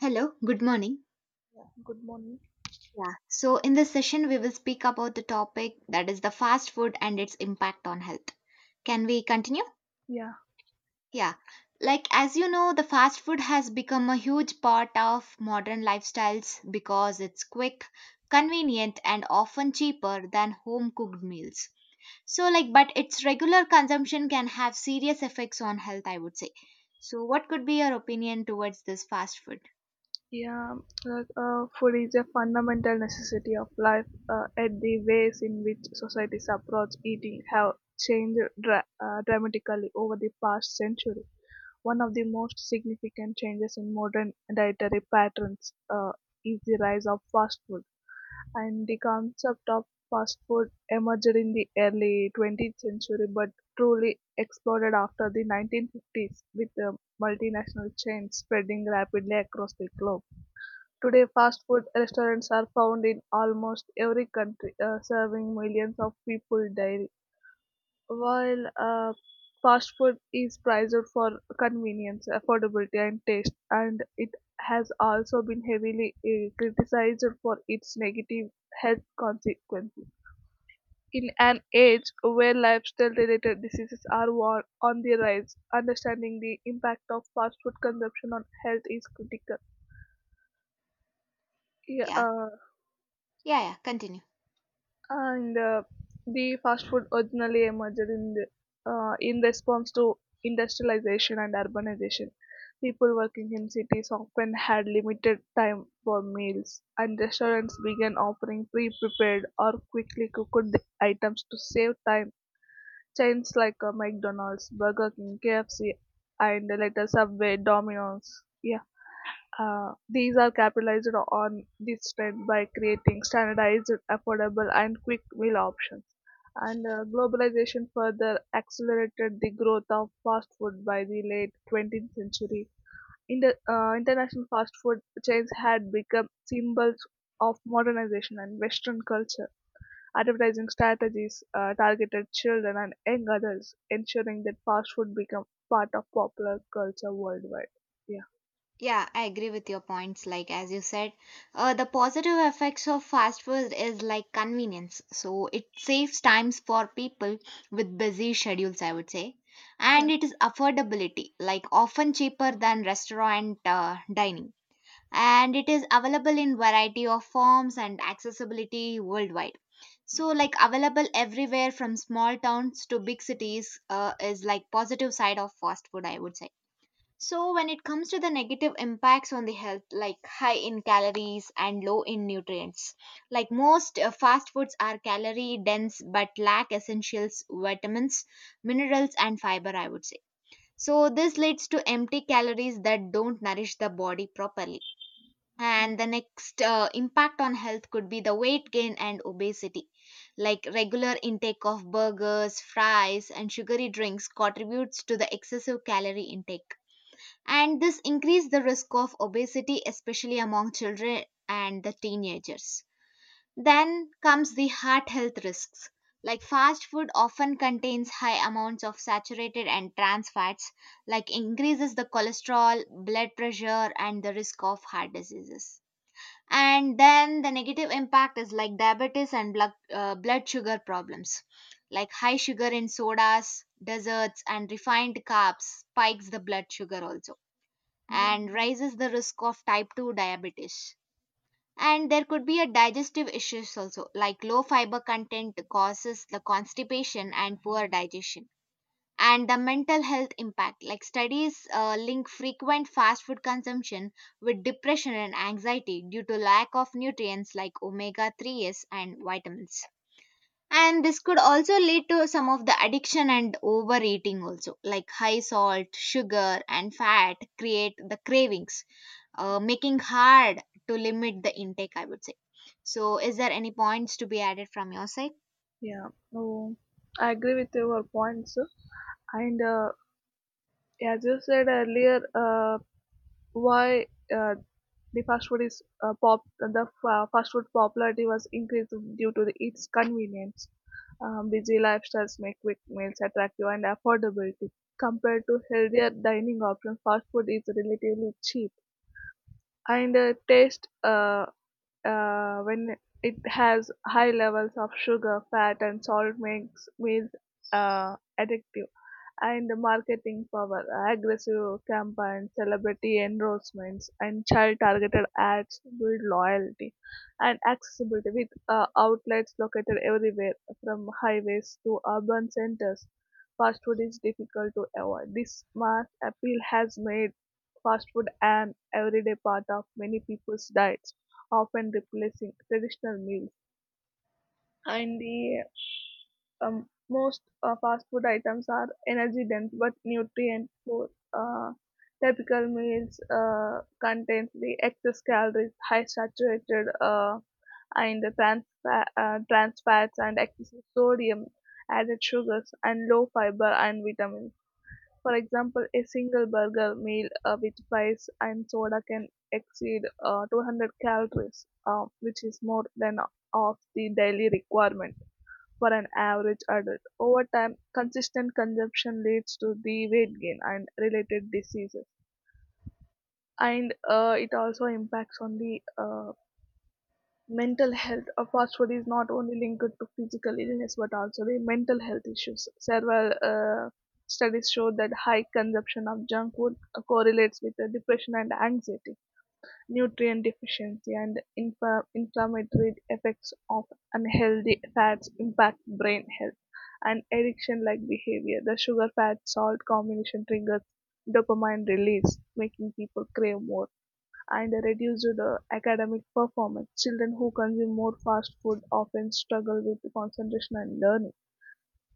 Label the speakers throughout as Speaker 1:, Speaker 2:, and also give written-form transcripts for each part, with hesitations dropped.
Speaker 1: Hello, good morning.
Speaker 2: Yeah, good morning.
Speaker 1: Yeah. So, in this session, we will speak about the topic that is the fast food and its impact on health. Can we continue?
Speaker 2: Yeah,
Speaker 1: Yeah. Like, as you know, the fast food has become a huge part of modern lifestyles because it's quick, convenient, and often cheaper than home cooked meals. So, like, but its regular consumption can have serious effects on health, I would say. So, what could be your opinion towards this fast food?
Speaker 2: yeah. Food is a fundamental necessity of life. And the ways in which societies approach eating have changed dramatically over the past century. One of the most significant changes in modern dietary patterns is the rise of fast food, and the concept of fast food emerged in the early 20th century, but truly exploded after the 1950s with the multinational chains spreading rapidly across the globe. Today, fast food restaurants are found in almost every country, serving millions of people daily. While fast food is prized for convenience, affordability, and taste, and it has also been heavily criticized for its negative health consequences. In an age where lifestyle related diseases are on the rise, understanding the impact of fast food consumption on health is critical. Yeah,
Speaker 1: Yeah. Yeah, yeah, continue.
Speaker 2: And the fast food originally emerged in response to industrialization and urbanization. People working in cities often had limited time for meals, and restaurants began offering pre-prepared or quickly cooked items to save time. Chains like McDonald's, Burger King, KFC, and later Subway, Domino's, yeah, these are capitalized on this trend by creating standardized, affordable, and quick meal options. And globalization further accelerated the growth of fast food by the late 20th century. International fast food chains had become symbols of modernization and Western culture. Advertising strategies targeted children and young adults, ensuring that fast food became part of popular culture worldwide. Yeah.
Speaker 1: Yeah, I agree with your points. Like as you said, the positive effects of fast food is like convenience. So it saves times for people with busy schedules, I would say, and it is affordability, like often cheaper than restaurant dining, and it is available in variety of forms and accessibility worldwide. So like available everywhere from small towns to big cities is like positive side of fast food, I would say. So, when it comes to the negative impacts on the health, like high in calories and low in nutrients, like most fast foods are calorie dense but lack essentials, vitamins, minerals, and fiber, I would say. So, this leads to empty calories that don't nourish the body properly. And the next impact on health could be the weight gain and obesity. Like regular intake of burgers, fries, and sugary drinks contributes to the excessive calorie intake, and this increase the risk of obesity, especially among children and the teenagers. Then comes the heart health risks, like fast food often contains high amounts of saturated and trans fats, like increases the cholesterol, blood pressure, and the risk of heart diseases. And then the negative impact is like diabetes and blood sugar problems, like high sugar in sodas, desserts, and refined carbs spikes the blood sugar, also,
Speaker 2: Yeah.
Speaker 1: and raises the risk of type 2 diabetes. And there could be a digestive issues also, like low fiber content causes the constipation and poor digestion. And the mental health impact, like studies link frequent fast food consumption with depression and anxiety due to lack of nutrients like omega 3s and vitamins. And this could also lead to some of the addiction and overeating also, like high salt, sugar, and fat create the cravings, making hard to limit the intake, I would say. So is there any points to be added from your side?
Speaker 2: Yeah, oh, I agree with your points. And as you said earlier, why uh, the fast food is pop the fa- fast food popularity was increased due to its convenience. Busy lifestyles make quick meals attractive, and affordability compared to healthier dining options. Fast food is relatively cheap, and taste, when it has high levels of sugar, fat, and salt, makes meals addictive. And marketing power, aggressive campaigns, celebrity endorsements, and child-targeted ads build loyalty and accessibility with outlets located everywhere from highways to urban centers. Fast food is difficult to avoid. This mass appeal has made fast food an everyday part of many people's diets, often replacing traditional meals. And the most fast food items are energy dense but nutrient poor. Uh, typical meals contain the excess calories, high saturated and trans fats, and excessive sodium, added sugars, and low fiber and vitamins. For example, a single burger meal with fries and soda can exceed 200 calories, which is more than of the daily requirement for an average adult. Over time, consistent consumption leads to the weight gain and related diseases. And it also impacts on the mental health. Fast food is not only linked to physical illness, but also the mental health issues. Several studies show that high consumption of junk food correlates with depression and anxiety. Nutrient deficiency and the inflammatory effects of unhealthy fats impact brain health, and addiction-like behavior. The sugar-fat-salt combination triggers dopamine release, making people crave more, and reduced academic performance. Children who consume more fast food often struggle with concentration and learning.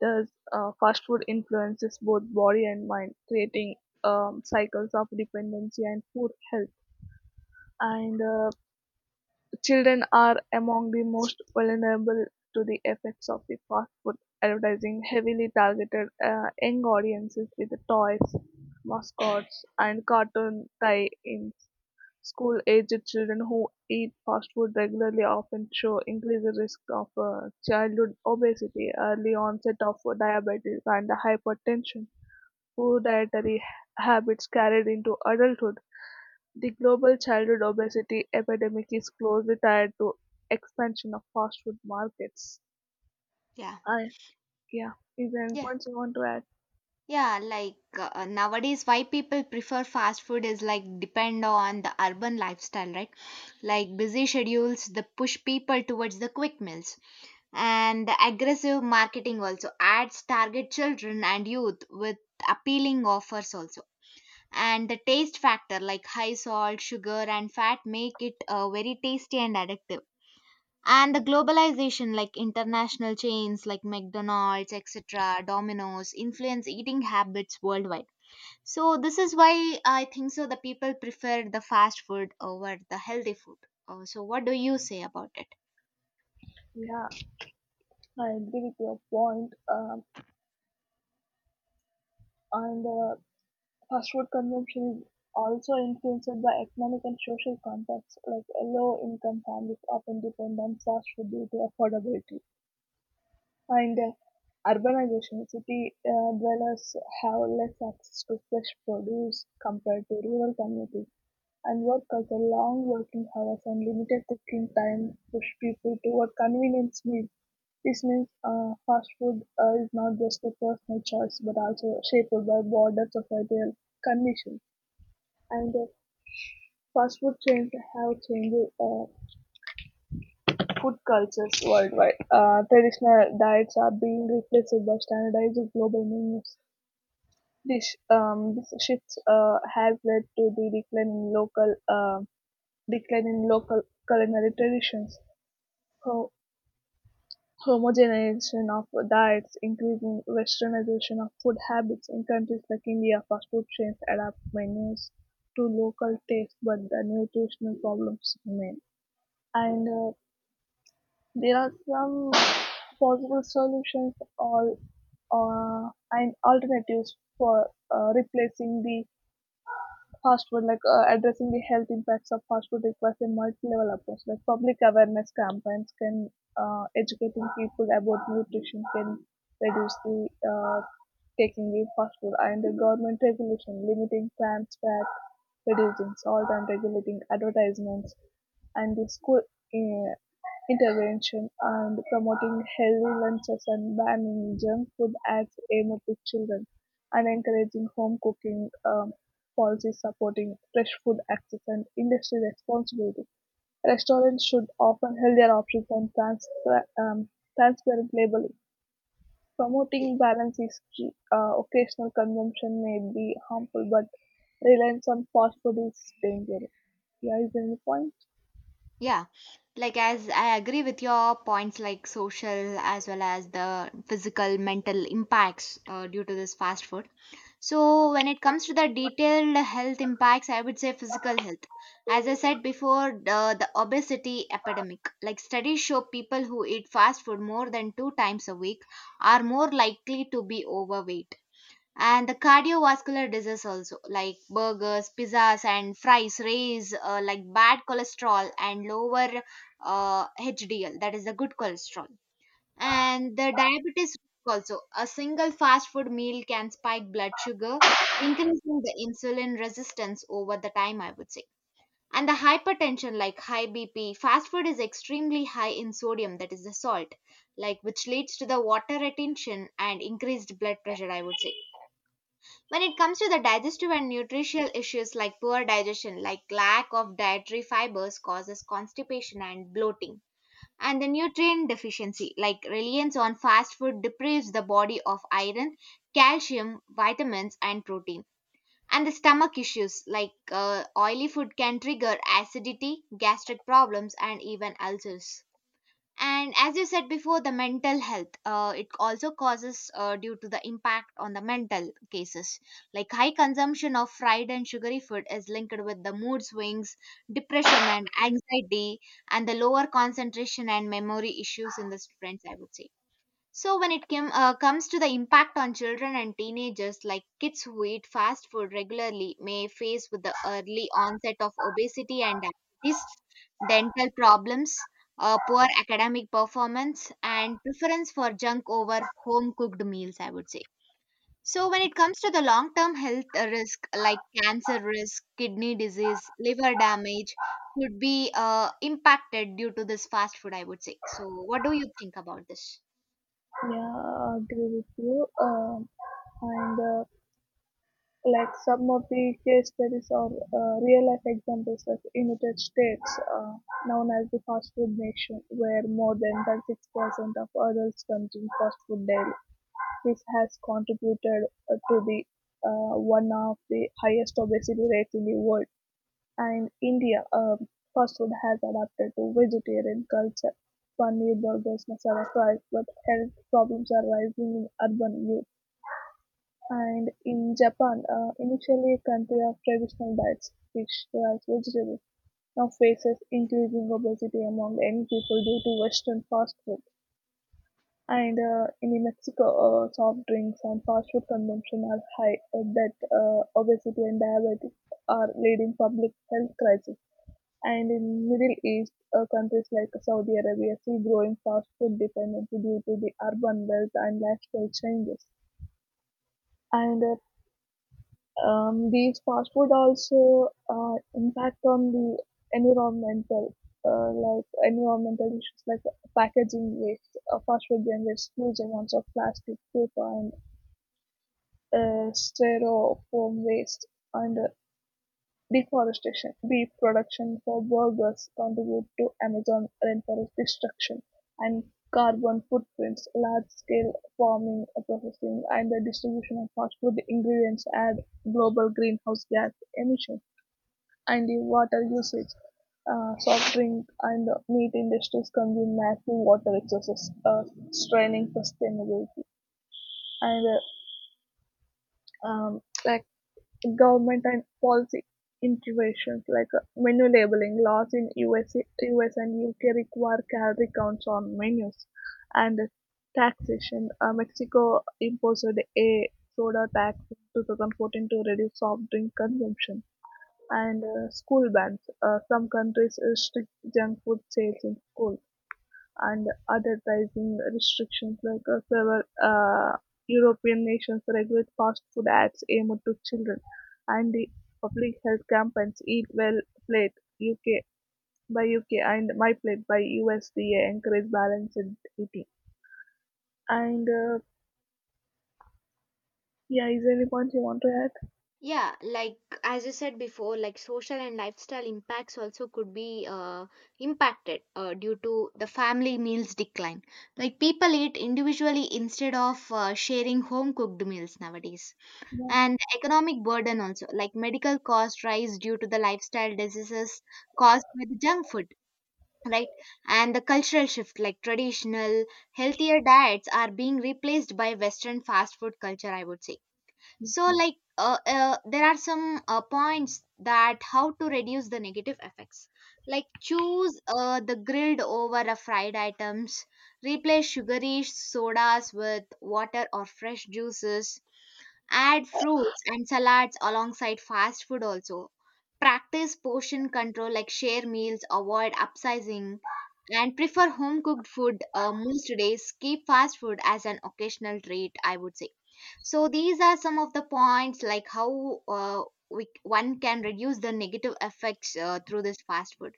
Speaker 2: Thus, fast food influences both body and mind, creating cycles of dependency and poor health. And Children are among the most vulnerable to the effects of the fast-food advertising, heavily targeted young audiences with toys, mascots, and cartoon tie-ins. School-aged children who eat fast food regularly often show increased risk of childhood obesity, early onset of diabetes, and hypertension. Poor dietary habits carried into adulthood, the global childhood obesity epidemic is closely tied to expansion of fast food markets.
Speaker 1: Yeah,
Speaker 2: I yeah. Is there any
Speaker 1: yeah,
Speaker 2: points you want to add?
Speaker 1: yeah, like nowadays why people prefer fast food is like depend on the urban lifestyle, right? Like busy schedules the push people towards the quick meals, and the aggressive marketing also, ads target children and youth with appealing offers also, and the taste factor, like high salt, sugar, and fat make it very tasty and addictive, and the globalization, like international chains like mcdonald's, etc, domino's influence eating habits worldwide. So this is why I think so the people prefer the fast food over the healthy food. So what do you say about it?
Speaker 2: Yeah, I agree with your point. And fast food consumption is also influenced by economic and social context. Like low-income families often depend on fast food due to affordability. And urbanization, city dwellers have less access to fresh produce compared to rural communities, and work culture, long working hours and limited cooking time push people toward convenience meals. This means fast food is not just a personal choice but also shaped by broader societal conditions. And fast food chains have changed food cultures worldwide. Traditional diets are being replaced by standardized global menus. This, this shifts has led to the decline in local culinary traditions, Ho- homogenization of diets, increasing westernization of food habits. In countries like India, fast food chains adapt menus to local taste, but the nutritional problems remain. And there are some possible solutions all and alternatives for replacing the fast food. Like addressing the health impacts of fast food requires a multi-level approach. Like public awareness campaigns can, educating people about nutrition can reduce the taking the fast food, and the government regulation limiting trans fat, reducing salt, and regulating advertisements, and the school uh, Intervention and promoting healthy lunches and banning junk food acts aimed at children, and encouraging home cooking, policies supporting fresh food access and industry responsibility. Restaurants should offer healthier options and um, transparent labeling.
Speaker 1: Y-
Speaker 2: Promoting balance is key. Occasional consumption may be harmful, but reliance on fast food is dangerous. Yeah, is there any point?
Speaker 1: yeah, like as I agree with your points, like social as well as the physical mental impacts due to this fast food. So, when it comes to the detailed health impacts, I would say physical health. As I said before, the obesity epidemic. Like studies show people who eat fast food more than two times a week are more likely to be overweight. And the cardiovascular disease also, like burgers, pizzas, and fries, raise like bad cholesterol and lower HDL, that is the good cholesterol. And the diabetes risk, also a single fast food meal can spike blood sugar, increasing the insulin resistance over the time, I would say. And the hypertension, like high bp, fast food is extremely high in sodium, that is the salt, like which leads to the water retention and increased blood pressure, I would say. When it comes to the digestive and nutritional issues, like poor digestion, like lack of dietary fibers causes constipation and bloating, and the nutrient deficiency, like reliance on fast food, deprives the body of iron, calcium, vitamins, and protein. And the stomach issues, like oily food, can trigger acidity, gastric problems, and even ulcers. And as you said before, the mental health, it also causes due to the impact on the mental cases, like high consumption of fried and sugary food is linked with the mood swings, depression, and anxiety, and the lower concentration and memory issues in the students, I would say. So when comes to the impact on children and teenagers, like kids who eat fast food regularly may face with the early onset of obesity and diabetes, dental problems, poor academic performance, and preference for junk over home cooked meals, I would say. So when it comes to the long-term health risk, like cancer risk, kidney disease, liver damage, could be impacted due to this fast food, I would say. So what do you think about this?
Speaker 2: Yeah, I agree with you. And like some of the case studies or real life examples, like United States, known as the fast food nation, where more than 36% of adults consume fast food daily. This has contributed to the, one of the highest obesity rates in the world. And India, fast food has adapted to vegetarian culture, paneer burgers, masala fries, but health problems are rising in urban youth. And in Japan, initially a country of traditional diets, fish, rice, vegetables, now faces increasing obesity among young people due to Western fast food. And in Mexico, soft drinks and fast food consumption are high, that obesity and diabetes are leading public health crisis. And in Middle East, countries like Saudi Arabia see growing fast food dependency due to the urban wealth and lifestyle changes. And these fast food also impact on the environmental, like environmental issues, like packaging waste. Fast food generates huge amounts of plastic, paper, and styrofoam waste, and Deforestation, beef production for burgers contribute to Amazon rainforest destruction, and carbon footprints. Large-scale farming, processing, and the distribution of fast food ingredients add global greenhouse gas emissions, and the water usage. Soft drink and meat industries consume massive water resources, straining sustainability. And like government and policy interventions, like menu labeling laws in U S and UK require calorie counts on menus, and taxation. Mexico imposed a soda tax in 2014 to reduce soft drink consumption, and school bans. Some countries restrict junk food sales in school, and advertising restrictions, like several European nations regulate fast food ads aimed to children, and the public health campaigns Eat Well Plate UK by UK and My Plate by USDA encourage balanced eating. And yeah, is there any point you want to add?
Speaker 1: Yeah, like as you said before, like social and lifestyle impacts also could be impacted due to the family meals decline. Like people eat individually instead of sharing home cooked meals nowadays.
Speaker 2: Yeah,
Speaker 1: And economic burden also, like medical costs rise due to the lifestyle diseases caused by the junk food. Right, and the cultural shift, like traditional healthier diets are being replaced by Western fast food culture, I would say. So like there are some points that how to reduce the negative effects, like choose the grilled over a fried items, replace sugary sodas with water or fresh juices, add fruits and salads alongside fast food also. Practice portion control, like share meals, avoid upsizing, and prefer home cooked food most days. Keep fast food as an occasional treat, I would say. So these are some of the points like how one can reduce the negative effects through this fast food.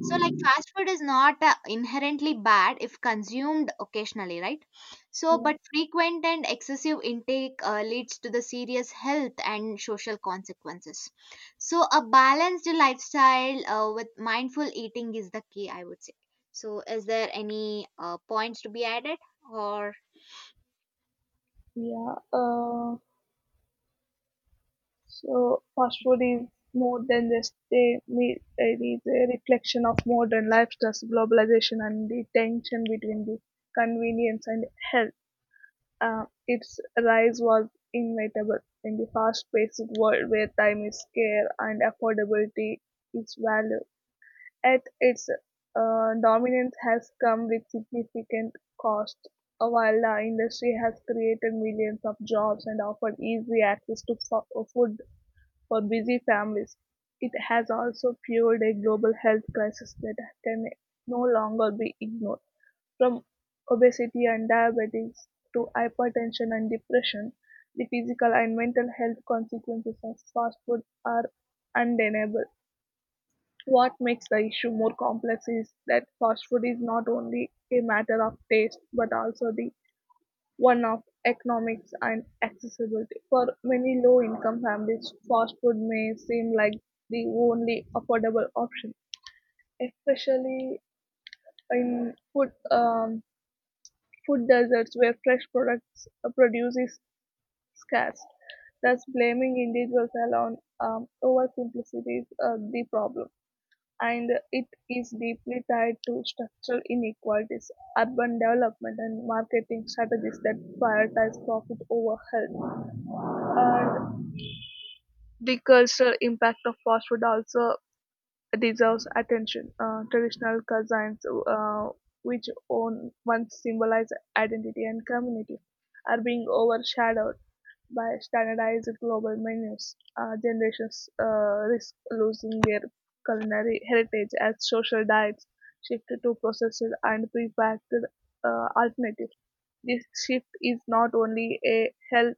Speaker 1: So, like fast food is not inherently bad if consumed occasionally, right? So,
Speaker 2: yeah,
Speaker 1: but frequent and excessive intake leads to the serious health and social consequences. So, a balanced lifestyle with mindful eating is the key, I would say. So, is there any points to be added or?
Speaker 2: yeah. So fast food is more than just a meal. It is a reflection of modern lifestyles, globalization, and the tension between the convenience and health. Its rise was inevitable in the fast-paced world where time is scarce and affordability is valued. At its, dominance has come with significant cost. While the industry has created millions of jobs and offered easy access to food for busy families, it has also fueled a global health crisis that can no longer be ignored. From obesity and diabetes to hypertension and depression, the physical and mental health consequences of fast food are undeniable. What makes the issue more complex is that fast food is not only a matter of taste but also the one of economics and accessibility. For many low income families, fast food may seem like the only affordable option, especially in food deserts where fresh products produce is scarce. Thus, blaming individuals alone over simplicity is the problem. And it is deeply tied to structural inequalities, urban development, and marketing strategies that prioritize profit over health. And the cultural impact of fast food also deserves attention. Traditional cuisines, which on once symbolized identity and community, are being overshadowed by standardized global menus. Generations risk losing their culinary heritage as social diets shift to processed and prepackaged alternatives. This shift is not only a health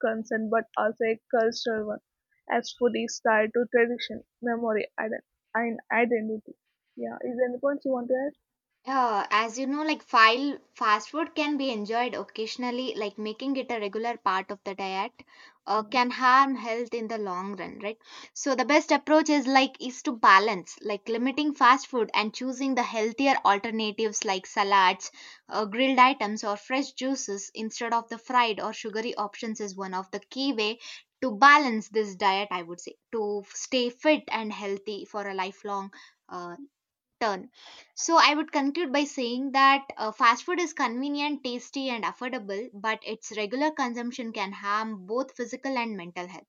Speaker 2: concern but also a cultural one, as food is tied to tradition, memory, and identity. Yeah, is there any points you want to add?
Speaker 1: As you know, like file fast food can be enjoyed occasionally, like making it a regular part of the diet
Speaker 2: Yeah,
Speaker 1: can harm health in the long run, right? So the best approach is like is to balance, like limiting fast food and choosing the healthier alternatives like salads, grilled items, or fresh juices instead of the fried or sugary options is one of the key way to balance this diet. I would say to stay fit and healthy for a lifelong uh, turn. So I would conclude by saying that fast food is convenient, tasty, and affordable, but its regular consumption can harm both physical and mental health.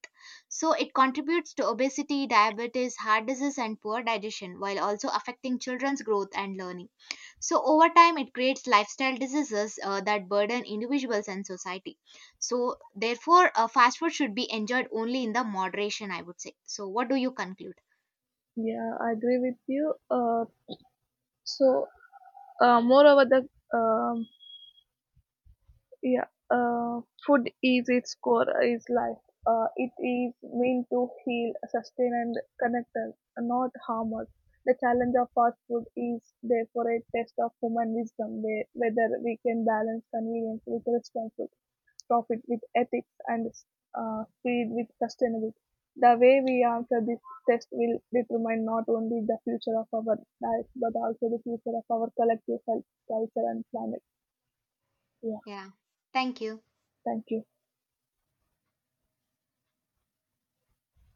Speaker 1: So it contributes to obesity, diabetes, heart disease, and poor digestion, while also affecting children's growth and learning. So over time, it creates lifestyle diseases that burden individuals and society. So therefore, fast food should be enjoyed only in the moderation, I would say. So what do you conclude?
Speaker 2: yeah, I agree with you. So, Moreover, the, um, yeah, food is its core is life. It is meant to heal, sustain, and connect us, not harm us. The challenge of fast food is therefore a test of human wisdom, where, whether we can balance convenience with responsibility, profit with ethics, and speed with sustainability. The way we answer this test will determine not only the future of our lives but also the future of our collective health, culture, and planet. Yeah,
Speaker 1: Yeah. Thank you.
Speaker 2: thank you.